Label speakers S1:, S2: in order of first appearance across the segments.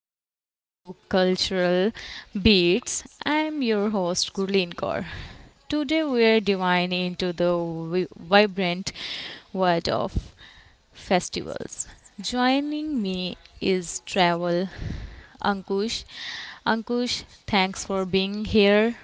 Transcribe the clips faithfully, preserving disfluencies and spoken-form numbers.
S1: welcome to Cultural Beats. I'm your host Gurleen Kaur. Today we're diving into the vi- vibrant world of festivals. Joining me is Travel Ankush. Ankush, thanks for being here.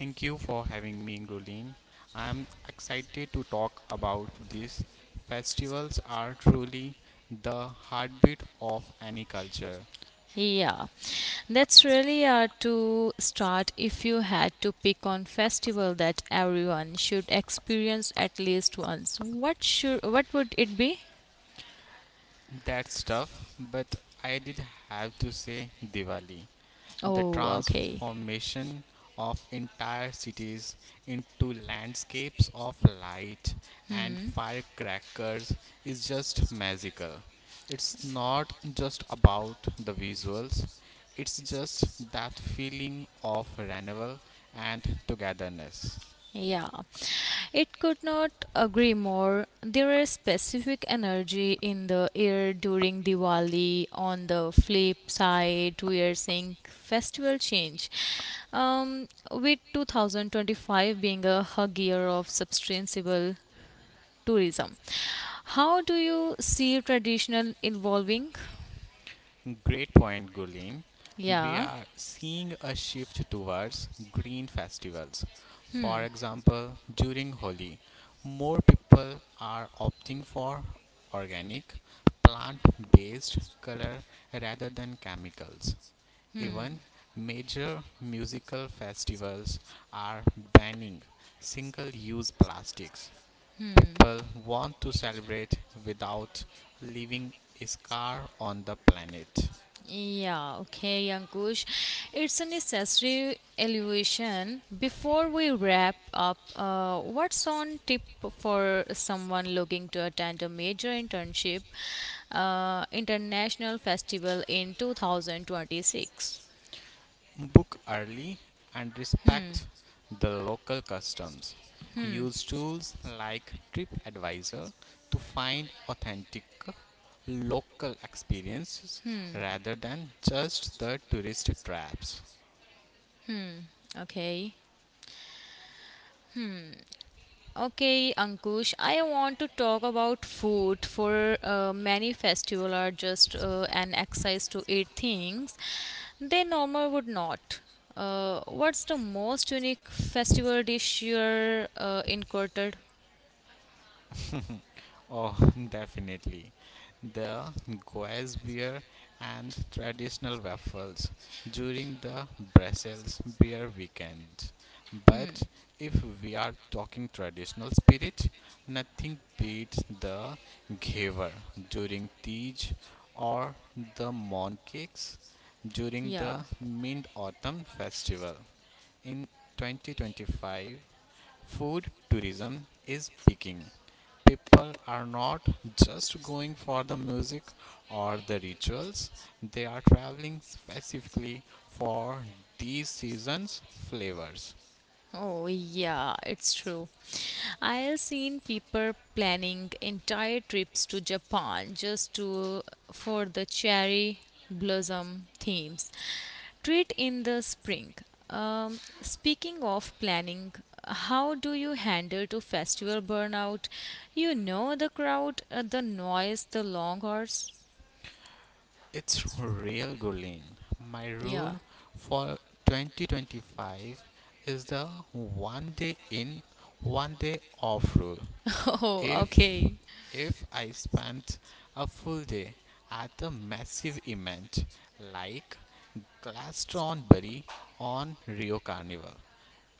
S2: Thank you for having me, Gulin. I am excited to talk about this. Festivals are truly the heartbeat of any culture.
S1: Yeah, that's really hard to start if you had to pick on festival that everyone should experience at least once. What should what would it be?
S2: That's tough, but I did have to say Diwali. the
S1: Oh, okay.
S2: transformation of entire cities into landscapes of light and firecrackers is just magical. It's not just about the visuals, it's just that feeling of renewal and togetherness.
S1: Yeah, it could not agree more. There is specific energy in the air during Diwali. On the flip side, we are seeing festival change. Um, with twenty twenty-five being a hug year of sustainable tourism, how do you see traditional evolving?
S2: Great point, Gulin. We
S1: Yeah.
S2: are seeing a shift towards green festivals. For example, during Holi, more people are opting for organic, plant based color rather than chemicals. Even major musical festivals are banning single use plastics. People want to celebrate without leaving a scar on the planet.
S1: Yeah, okay, Ankush. It's a necessary elevation. Before we wrap up, uh, what's on tip for someone looking to attend a major internship uh, international festival in two thousand twenty-six?
S2: Book early and respect the local customs. Use tools like TripAdvisor to find authentic local experiences rather than just the tourist traps.
S1: Okay. Okay, Ankush, I want to talk about food. For uh, many festival are just uh, an exercise to eat things they normal would not. Uh, what's the most unique festival dish you're uh, encountered?
S2: Oh, definitely. The Goes beer and traditional waffles during the Brussels beer weekend. But if we are talking traditional spirit, nothing beats the Gever during Tej or the Mon Cakes during
S1: Yeah.
S2: the Mid Autumn Festival. In twenty twenty-five, food tourism is peaking. People are not just going for the music or the rituals, they are traveling specifically for these seasons' flavors.
S1: Oh, yeah, it's true. I've seen people planning entire trips to Japan just to for the cherry blossom themes. Treat in the spring. Um, speaking of planning, how do you handle to festival burnout? You know the crowd, uh, the noise, the long hours.
S2: It's real, Gulen. My
S1: Yeah.
S2: rule for twenty twenty-five is the one day in, one day off rule.
S1: Oh,
S2: If
S1: okay.
S2: if I spent a full day at a massive event like Glastonbury on Rio Carnival,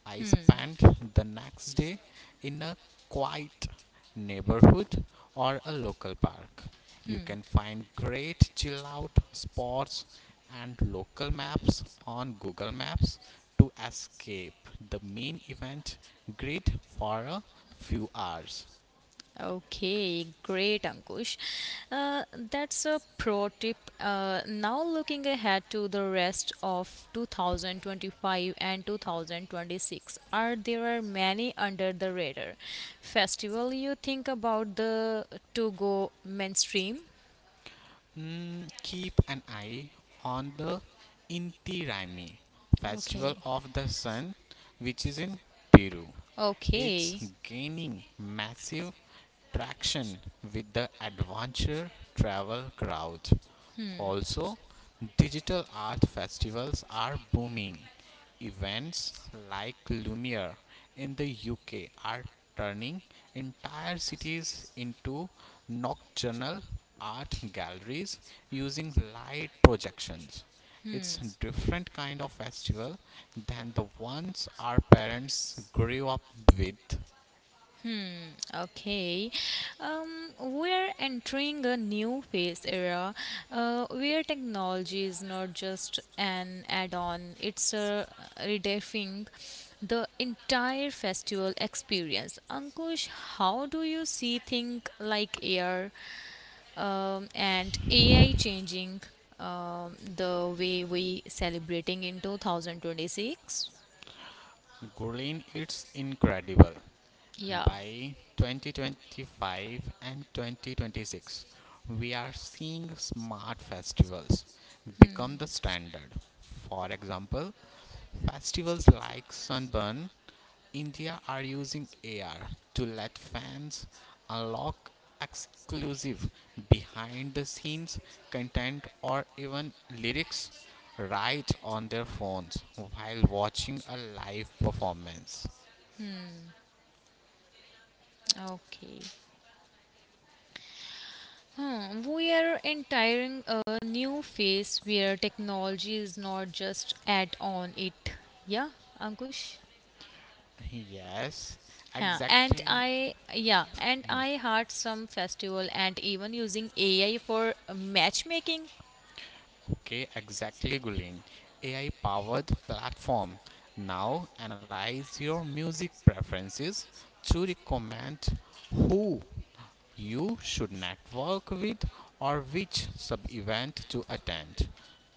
S2: I spent the next day in a quiet neighborhood or a local park. You can find great chill out spots and local maps on Google Maps to escape the main event grid for a few hours.
S1: Okay, great, Ankush. Uh, that's a pro tip. Uh, now, looking ahead to the rest of twenty twenty-five and two thousand twenty-six, are there are many under the radar festival you think about the to go mainstream?
S2: Mm, keep an eye on the Inti Raymi Festival
S1: Okay,
S2: of the Sun, which is in Peru. It's
S1: okay.
S2: gaining massive traction with the adventure travel crowd. Also, digital art festivals are booming. Events like Lumiere in the U K are turning entire cities into nocturnal art galleries using light projections. It's a different kind of festival than the ones our parents grew up with.
S1: Okay, um, we're entering a new phase era uh, where technology is not just an add on, it's a redefining the entire festival experience. Ankush, how do you see things like air um, and A I changing um, the way we celebrating in two thousand twenty-six?
S2: Gulen, it's incredible.
S1: Yeah,
S2: By twenty twenty-five and twenty twenty-six, we are seeing smart festivals become the standard. For example, festivals like Sunburn India are using A R to let fans unlock exclusive behind the scenes content or even lyrics right on their phones while watching a live performance.
S1: okay. Huh, we are entering a new phase where technology is not just add on it. Yeah, Ankush?
S2: Yes,
S1: Huh. And
S2: exactly.
S1: I yeah, and I had some festival and even using A I for matchmaking.
S2: Okay, exactly, Gulin. A I powered platform now analyze your music preferences to recommend who you should network with or which sub event to attend.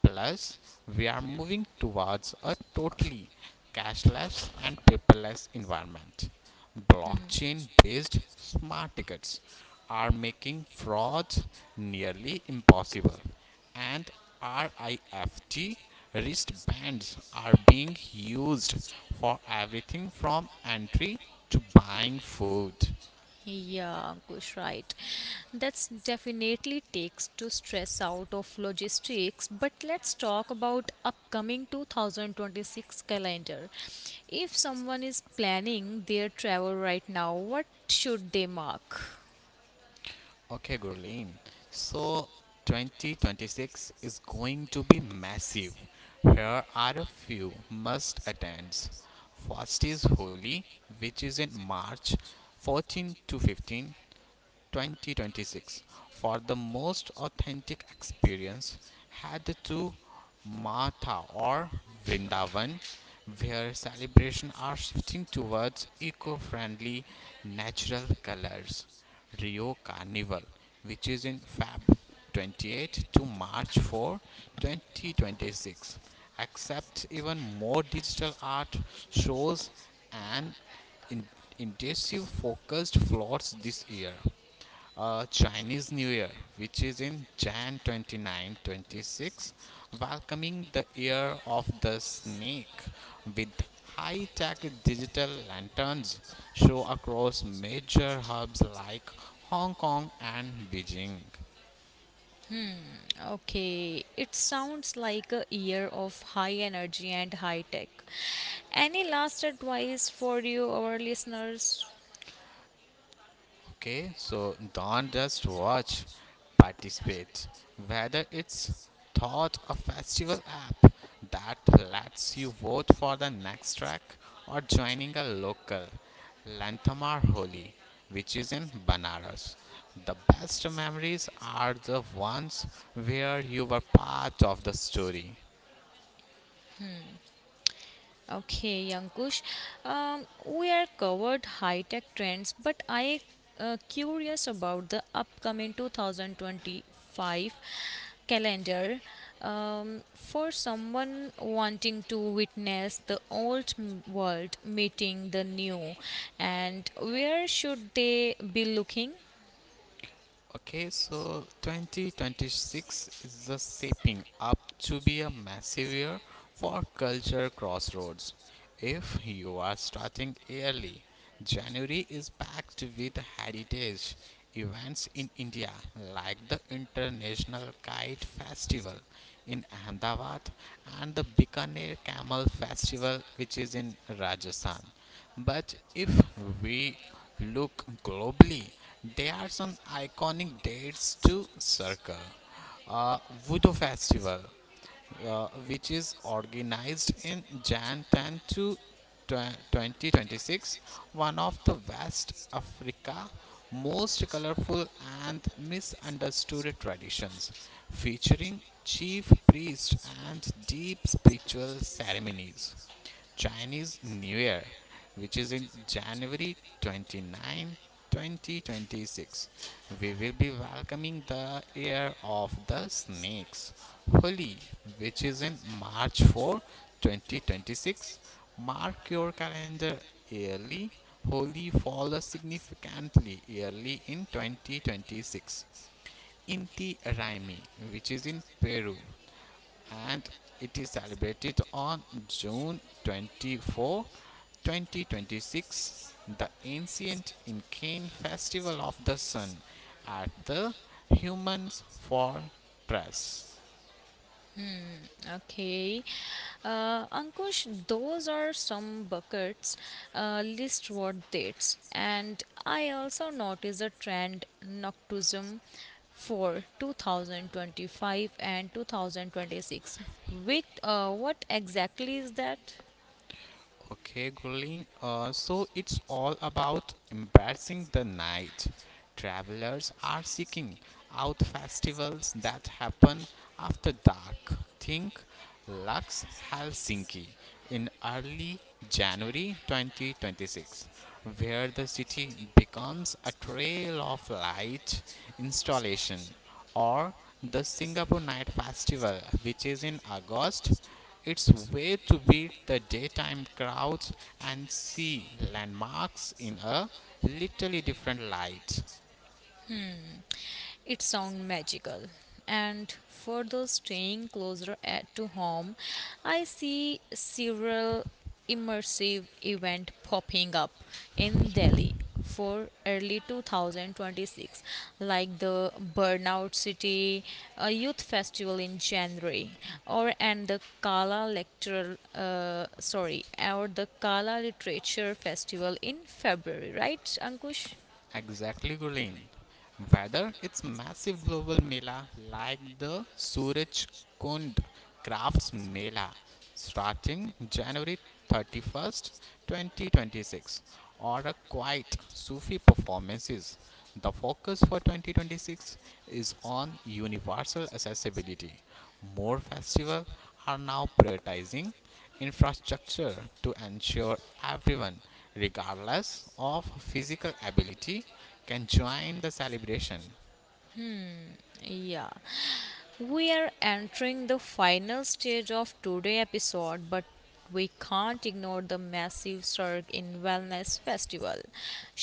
S2: Plus, we are moving towards a totally cashless and paperless environment. Blockchain based smart tickets are making fraud nearly impossible, and RIFT wristbands are being used for everything from entry to buying food.
S1: Yeah, Ankush, right. That's definitely takes to stress out of logistics. But let's talk about upcoming two thousand twenty-six calendar. If someone is planning their travel right now, what should they mark?
S2: Okay, Gurleen. So twenty twenty-six is going to be massive. Here are a few must attends. First is Holi, which is in March fourteenth to fifteenth, twenty twenty-six, for the most authentic experience. Had to Matha or Vrindavan, where celebrations are shifting towards eco friendly natural colors. Rio Carnival, which is in February twenty-eighth to March fourth, twenty twenty-six, accepts even more digital art shows and in- intensive focused floors this year. uh, Chinese New Year, which is in Jan 29 twenty-six, welcoming the year of the snake with high tech digital lanterns show across major hubs like Hong Kong and Beijing.
S1: Okay, it sounds like a year of high energy and high tech. Any last advice for you, our listeners?
S2: Okay, so don't just watch, participate. Whether it's thought a festival app that lets you vote for the next track or joining a local Lanthamar Holi, which is in Banaras. The best memories are the ones where you were part of the story.
S1: Okay, Yankush. Um, we are covered high tech trends, but I uh, curious about the upcoming two thousand twenty-five calendar. Um, for someone wanting to witness the old m- world meeting the new, and where should they be looking?
S2: Okay, so twenty twenty-six is the shaping up to be a massive year for culture crossroads. If you are starting early, January is packed with heritage events in India like the International Kite Festival in Ahmedabad and the Bikaner Camel Festival, which is in Rajasthan. But if we look globally, there are some iconic dates to circle. Uh, Voodoo Festival, uh, which is organized in January tenth to twenty twenty-six, one of the West Africa most colorful and misunderstood traditions, featuring chief priests and deep spiritual ceremonies. Chinese New Year, which is in January 29, 2026. We will be welcoming the year of the snakes. Holi, which is in March fourth, twenty twenty-six. Mark your calendar yearly. Holi falls significantly early in twenty twenty-six. Inti Raymi, which is in Peru, and it is celebrated on June twenty-fourth, twenty twenty-six, the ancient Incan festival of the sun at the humans fortress.
S1: Okay. Uh, Ankush, those are some buckets, uh, list what dates. And I also noticed a trend Noctism for two thousand twenty-five and twenty twenty-six. With, uh, what exactly is that?
S2: Okay, Gulin, uh, so it's all about embracing the night. Travelers are seeking out festivals that happen after dark. Think Lux Helsinki in early January twenty twenty-six, where the city becomes a trail of light installation, or the Singapore Night Festival, which is in August. It's way to beat the daytime crowds and see landmarks in a literally different light.
S1: It sounds magical. And for those staying closer at, to home, I see several immersive event popping up in Delhi for early two thousand twenty-six like the burnout city a youth festival in January or and the kala lecture uh, sorry or the kala literature festival in February, right, Ankush?
S2: Exactly, Gurleen. Whether it's massive global mela like the Suraj Kund Crafts Mela starting January thirty-first, twenty twenty-six, or a quiet Sufi performances, the focus for twenty twenty-six is on universal accessibility. More festivals are now prioritizing infrastructure to ensure everyone, regardless of physical ability, can join the celebration.
S1: Yeah. We are entering the final stage of today's episode, but we can't ignore the massive surge in Wellness Festival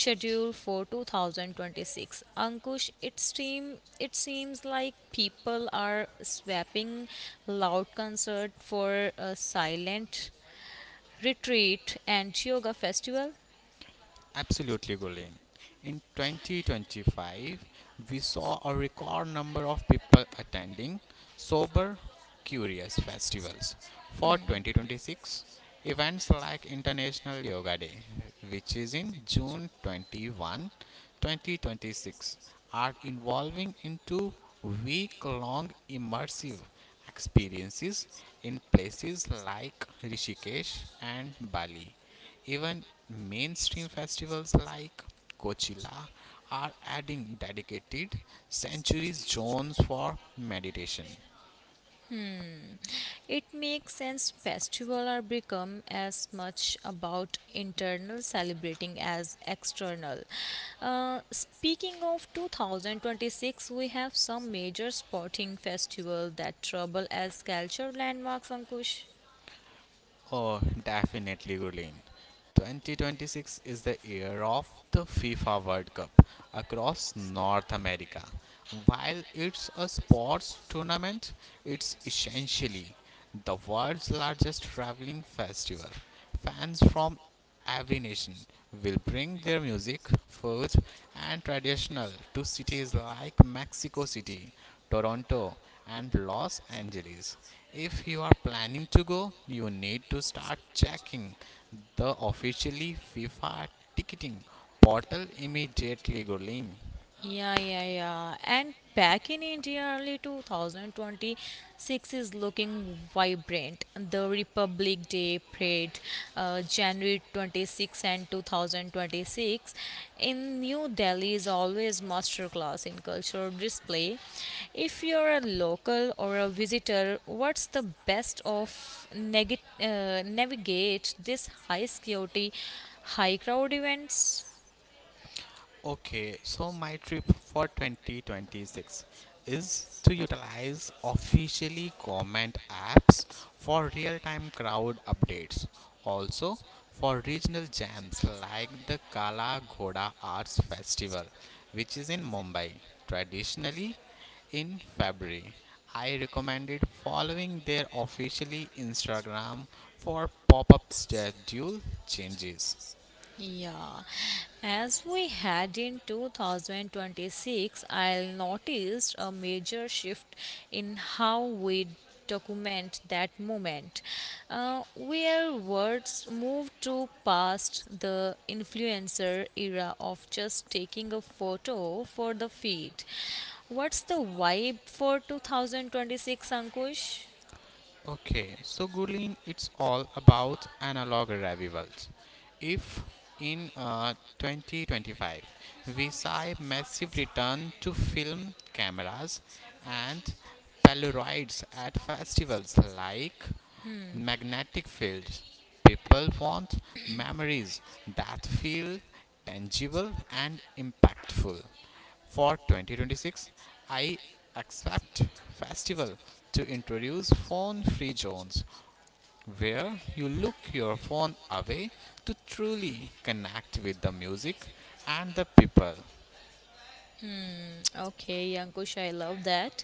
S1: scheduled for two thousand twenty-six. Ankush, it, seem, it seems like people are swapping loud concert for a silent retreat and yoga festival.
S2: Absolutely, Gulen. In twenty twenty-five, we saw a record number of people attending Sober Curious festivals. For twenty twenty-six, events like International Yoga Day, which is in June twenty-first, twenty twenty-six, are evolving into week-long immersive experiences in places like Rishikesh and Bali. Even mainstream festivals like Coachella are adding dedicated sanctuary zones for meditation.
S1: It makes sense festivals are become as much about internal celebrating as external. Uh, speaking of twenty twenty-six, we have some major sporting festival that trouble as culture landmarks, Ankush.
S2: Oh, definitely, Gulin. twenty twenty-six is the year of the FIFA World Cup across North America. While it's a sports tournament, it's essentially the world's largest traveling festival. Fans from every nation will bring their music, food, and traditional to cities like Mexico City, Toronto, and Los Angeles. If you are planning to go, you need to start checking the officially FIFA ticketing portal immediately, Gurleen.
S1: Yeah, yeah, yeah. And back in India, early two thousand twenty-six is looking vibrant. The Republic Day parade, uh, January twenty-sixth and two thousand twenty-six in New Delhi is always masterclass in cultural display. If you're a local or a visitor, what's the best of neg- uh, navigate this high security, high crowd events?
S2: Okay, so my trip for twenty twenty-six is to utilize officially comment apps for real-time crowd updates. Also, for regional jams like the Kala Ghoda Arts Festival, which is in Mumbai, traditionally in February. I recommended following their officially Instagram for pop-up schedule changes.
S1: Yeah, as we head in twenty twenty-six, I'll noticed a major shift in how we document that moment, uh, where words move to past the influencer era of just taking a photo for the feed. What's the vibe for two thousand twenty-six, Ankush?
S2: Okay, so Gurleen, it's all about analog revivals. If in uh, twenty twenty-five, we saw a massive return to film cameras and Polaroids at festivals like magnetic fields. People want memories that feel tangible and impactful. For twenty twenty-six, I expect festival to introduce phone-free zones where you look your phone away to truly connect with the music and the people.
S1: Okay, Ankush, I love that.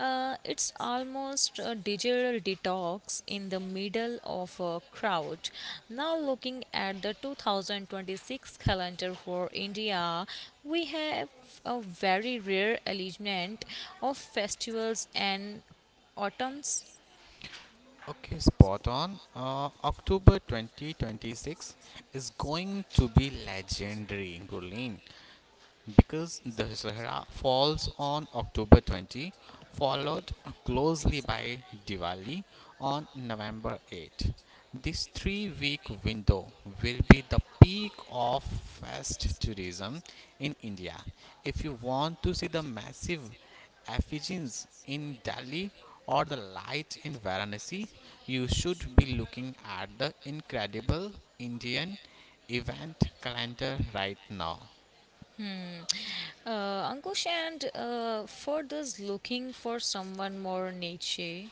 S1: Uh, it's almost a digital detox in the middle of a crowd. Now, looking at the two thousand twenty-six calendar for India, we have a very rare alignment of festivals and autumns.
S2: Okay, spot on. Uh, October twenty twenty-six is going to be legendary, Gurleen, because the Dussehra falls on October twentieth, followed closely by Diwali on November eighth. This three week window will be the peak of fest tourism in India. If you want to see the massive effigies in Delhi or the light in Varanasi, you should be looking at the incredible Indian event calendar right now.
S1: Uh, Ankush, and uh, for those looking for someone more niche.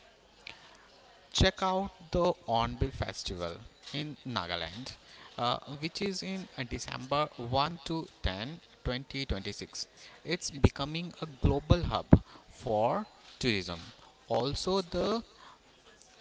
S2: Check out the Onbil Festival in Nagaland, uh, which is in uh, December first to ten, twenty twenty-six. It's becoming a global hub for tourism. Also, the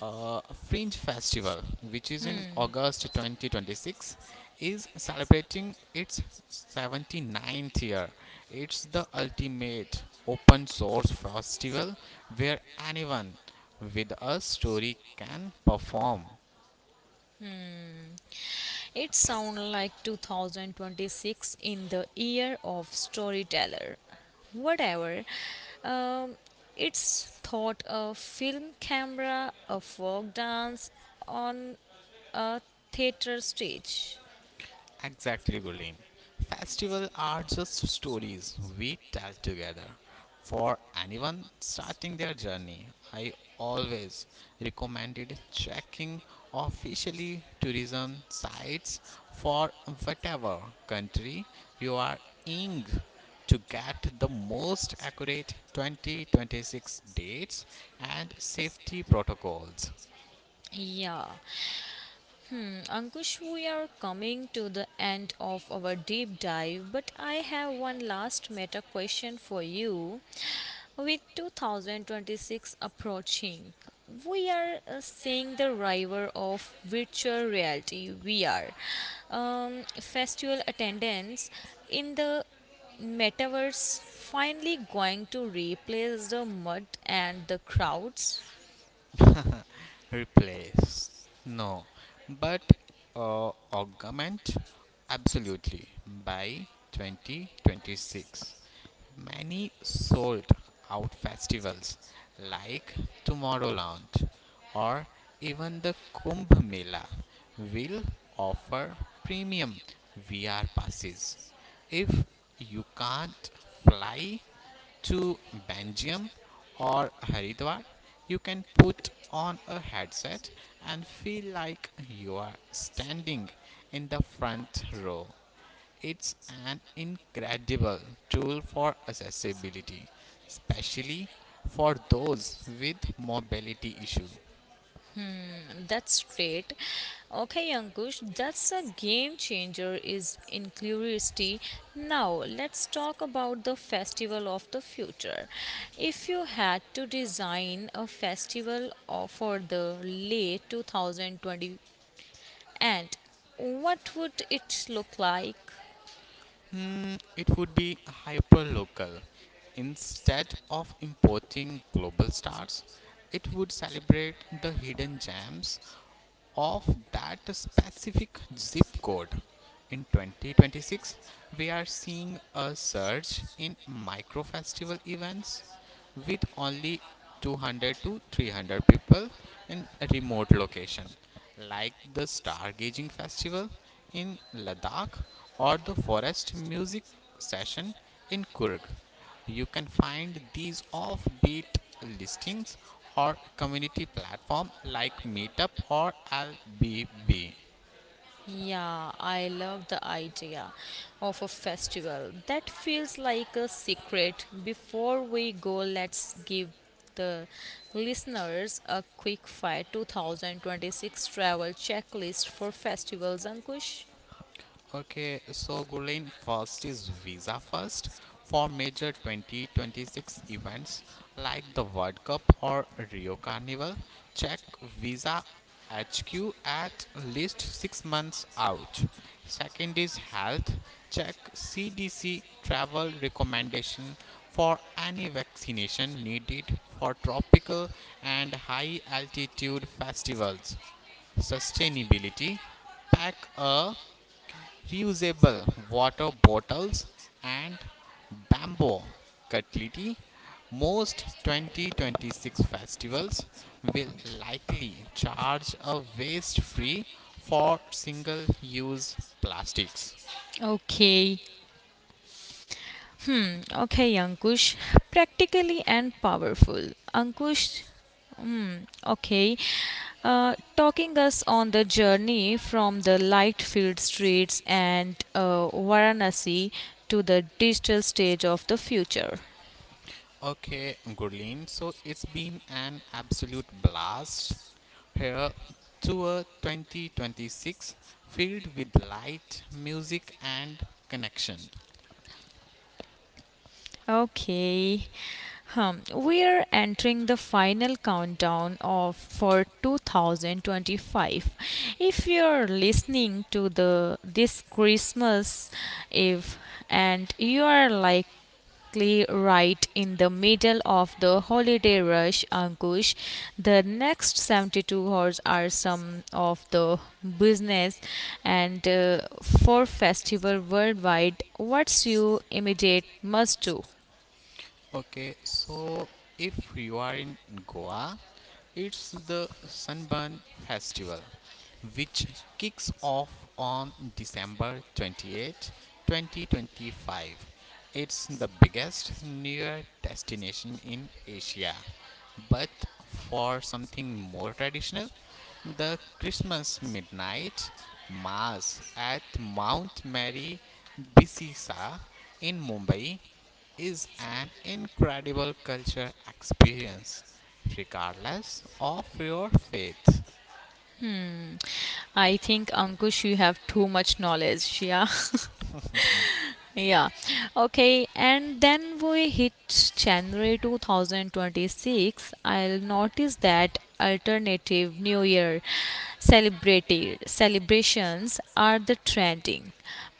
S2: uh, Fringe Festival, which is in August twenty twenty-six, is celebrating its 79th year. It's the ultimate open source festival where anyone with a story can perform.
S1: It sounds like two thousand twenty-six in the year of storyteller. Whatever. Um, it's thought a film camera, a folk dance on a theater stage.
S2: Exactly, Gulin. Festivals are just stories we tell together. For anyone starting their journey, I always recommended checking officially tourism sites for whatever country you are in to get the most accurate twenty twenty-six dates and safety protocols.
S1: Yeah, hmm, Ankush, we are coming to the end of our deep dive, but I have one last meta question for you. With two thousand twenty-six approaching, we are uh, seeing the rival of virtual reality V R. Um, festival attendance in the metaverse finally going to replace the mud and the crowds.
S2: Replace? No. But uh, augment? Absolutely. By twenty twenty-six, many sold out festivals like Tomorrowland or even the Kumbh Mela will offer premium V R passes. If you can't fly to Benjamin or Haridwar, you can put on a headset and feel like you are standing in the front row. It's an incredible tool for accessibility, especially for those with mobility issue.
S1: That's great. Okay, Ankush, that's a game changer is in curiosity. Now, let's talk about the festival of the future. If you had to design a festival of- for the late two thousand twenty and what would it look like?
S2: Hmm, it would be hyperlocal. Instead of importing global stars, it would celebrate the hidden gems of that specific zip code. In twenty twenty-six, we are seeing a surge in micro festival events with only two hundred to three hundred people in a remote location like the stargazing festival in Ladakh or the forest music session in Kurg. You can find these offbeat listings or community platform like Meetup or L B B.
S1: Yeah, I love the idea of a festival. That feels like a secret. Before we go, let's give the listeners a quick fire twenty twenty-six travel checklist for festivals, Ankush.
S2: Okay, so Gulen, first is Visa first for major twenty twenty-six events like the World Cup or Rio Carnival. Check Visa H Q at least six months out. Second is health. Check C D C travel recommendation for any vaccination needed for tropical and high altitude festivals. Sustainability, pack a reusable water bottles and bamboo cutlery. Most twenty twenty-six festivals will likely charge a waste free for single use plastics.
S1: Okay, okay, Ankush. Practically and powerful. Ankush, okay. Uh, talking us on the journey from the light filled streets and uh, Varanasi to the digital stage of the future.
S2: Okay, Gurleen, so it's been an absolute blast here tour twenty twenty-six filled with light, music, and connection.
S1: Okay. Hum, we are entering the final countdown of for two thousand twenty-five. If you're listening to the this Christmas Eve and you are like exactly right in the middle of the holiday rush, Ankush. The next seventy-two hours are some of the business and uh, for festival worldwide. What's your immediate must do?
S2: Okay, so if you are in Goa, it's the Sunburn Festival, which kicks off on December twenty-eighth, twenty twenty-five. It's the biggest near destination in Asia. But for something more traditional, the Christmas Midnight Mass at Mount Mary Bisisa in Mumbai is an incredible culture experience, regardless of your faith.
S1: I think Ankush, you have too much knowledge. Yeah. Yeah. Okay. And then we hit January twenty twenty-six. I'll notice that alternative new year celebrated celebrations are the trending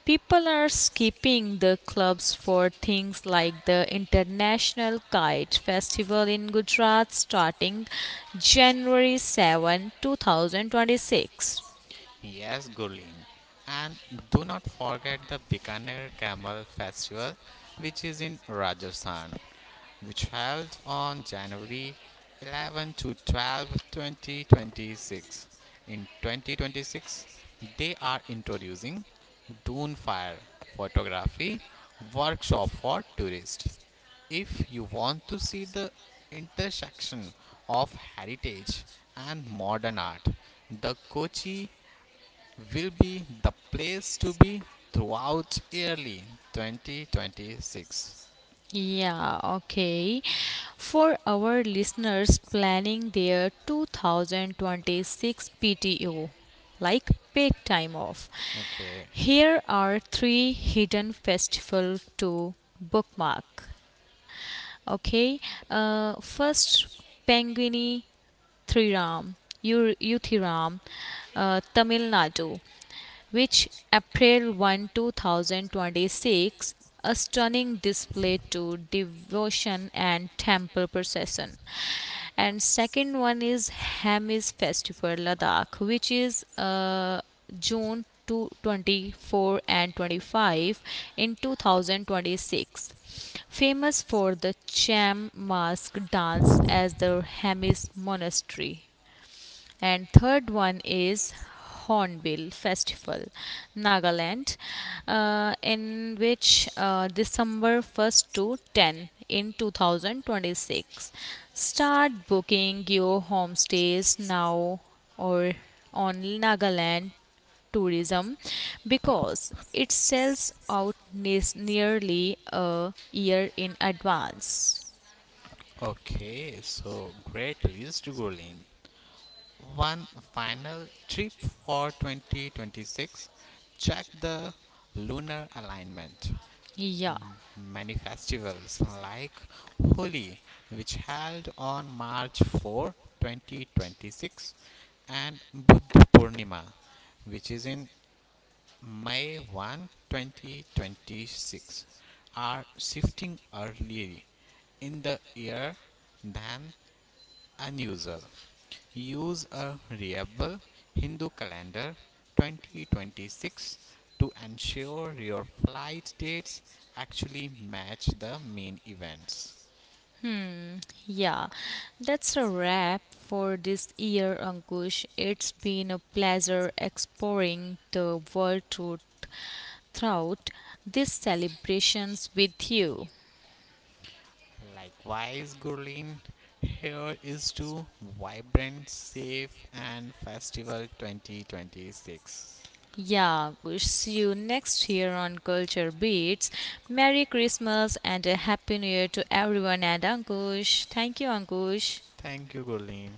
S1: people are skipping the clubs for things like the international kite festival in Gujarat starting January seven two thousand twenty-six.
S2: Yes, Gurleen. And do not forget the Bikaner Camel Festival, which is in Rajasthan, which held on January eleventh to twelfth, twenty twenty-six. In twenty twenty-six, they are introducing Dunfire photography workshop for tourists. If you want to see the intersection of heritage and modern art, the Kochi will be the place to be throughout early twenty twenty-six.
S1: Yeah, okay. For our listeners planning their two thousand twenty-six P T O, like paid time off,
S2: Okay.
S1: here are three hidden festival to bookmark. Okay, uh, first Pangini Thiram, Uthiram, uh, Tamil Nadu, which April first, two thousand twenty-six, a stunning display to devotion and temple procession and second one is Hamis Festival Ladakh, which is uh, June to twenty-four and twenty-five in two thousand twenty-six, famous for the cham mask dance as the hamis monastery, and third one is hornbill festival nagaland uh, in which uh, December first to ten in two thousand twenty-six. Start booking your homestays now or on nagaland tourism because it sells out nes- nearly a year in advance.
S2: Okay, so great list, Gurleen. One final tip for twenty twenty-six: check the lunar alignment.
S1: Yeah.
S2: M- Many festivals like Holi, which held on March fourth, twenty twenty-six, and Buddha Purnima, which is in May first, twenty twenty-six, are shifting earlier in the year than unusual. Use a reliable Hindu calendar twenty twenty-six to ensure your flight dates actually match the main events.
S1: Yeah, that's a wrap for this year, Ankush. It's been a pleasure exploring the world through- throughout these celebrations with you.
S2: Likewise, Gurleen, here is to vibrant, safe, and festival twenty twenty-six.
S1: Yeah, we'll see you next year on Culture Beats. Merry Christmas and a Happy New Year to everyone and Ankush. Thank you, Ankush.
S2: Thank you, Gurleen.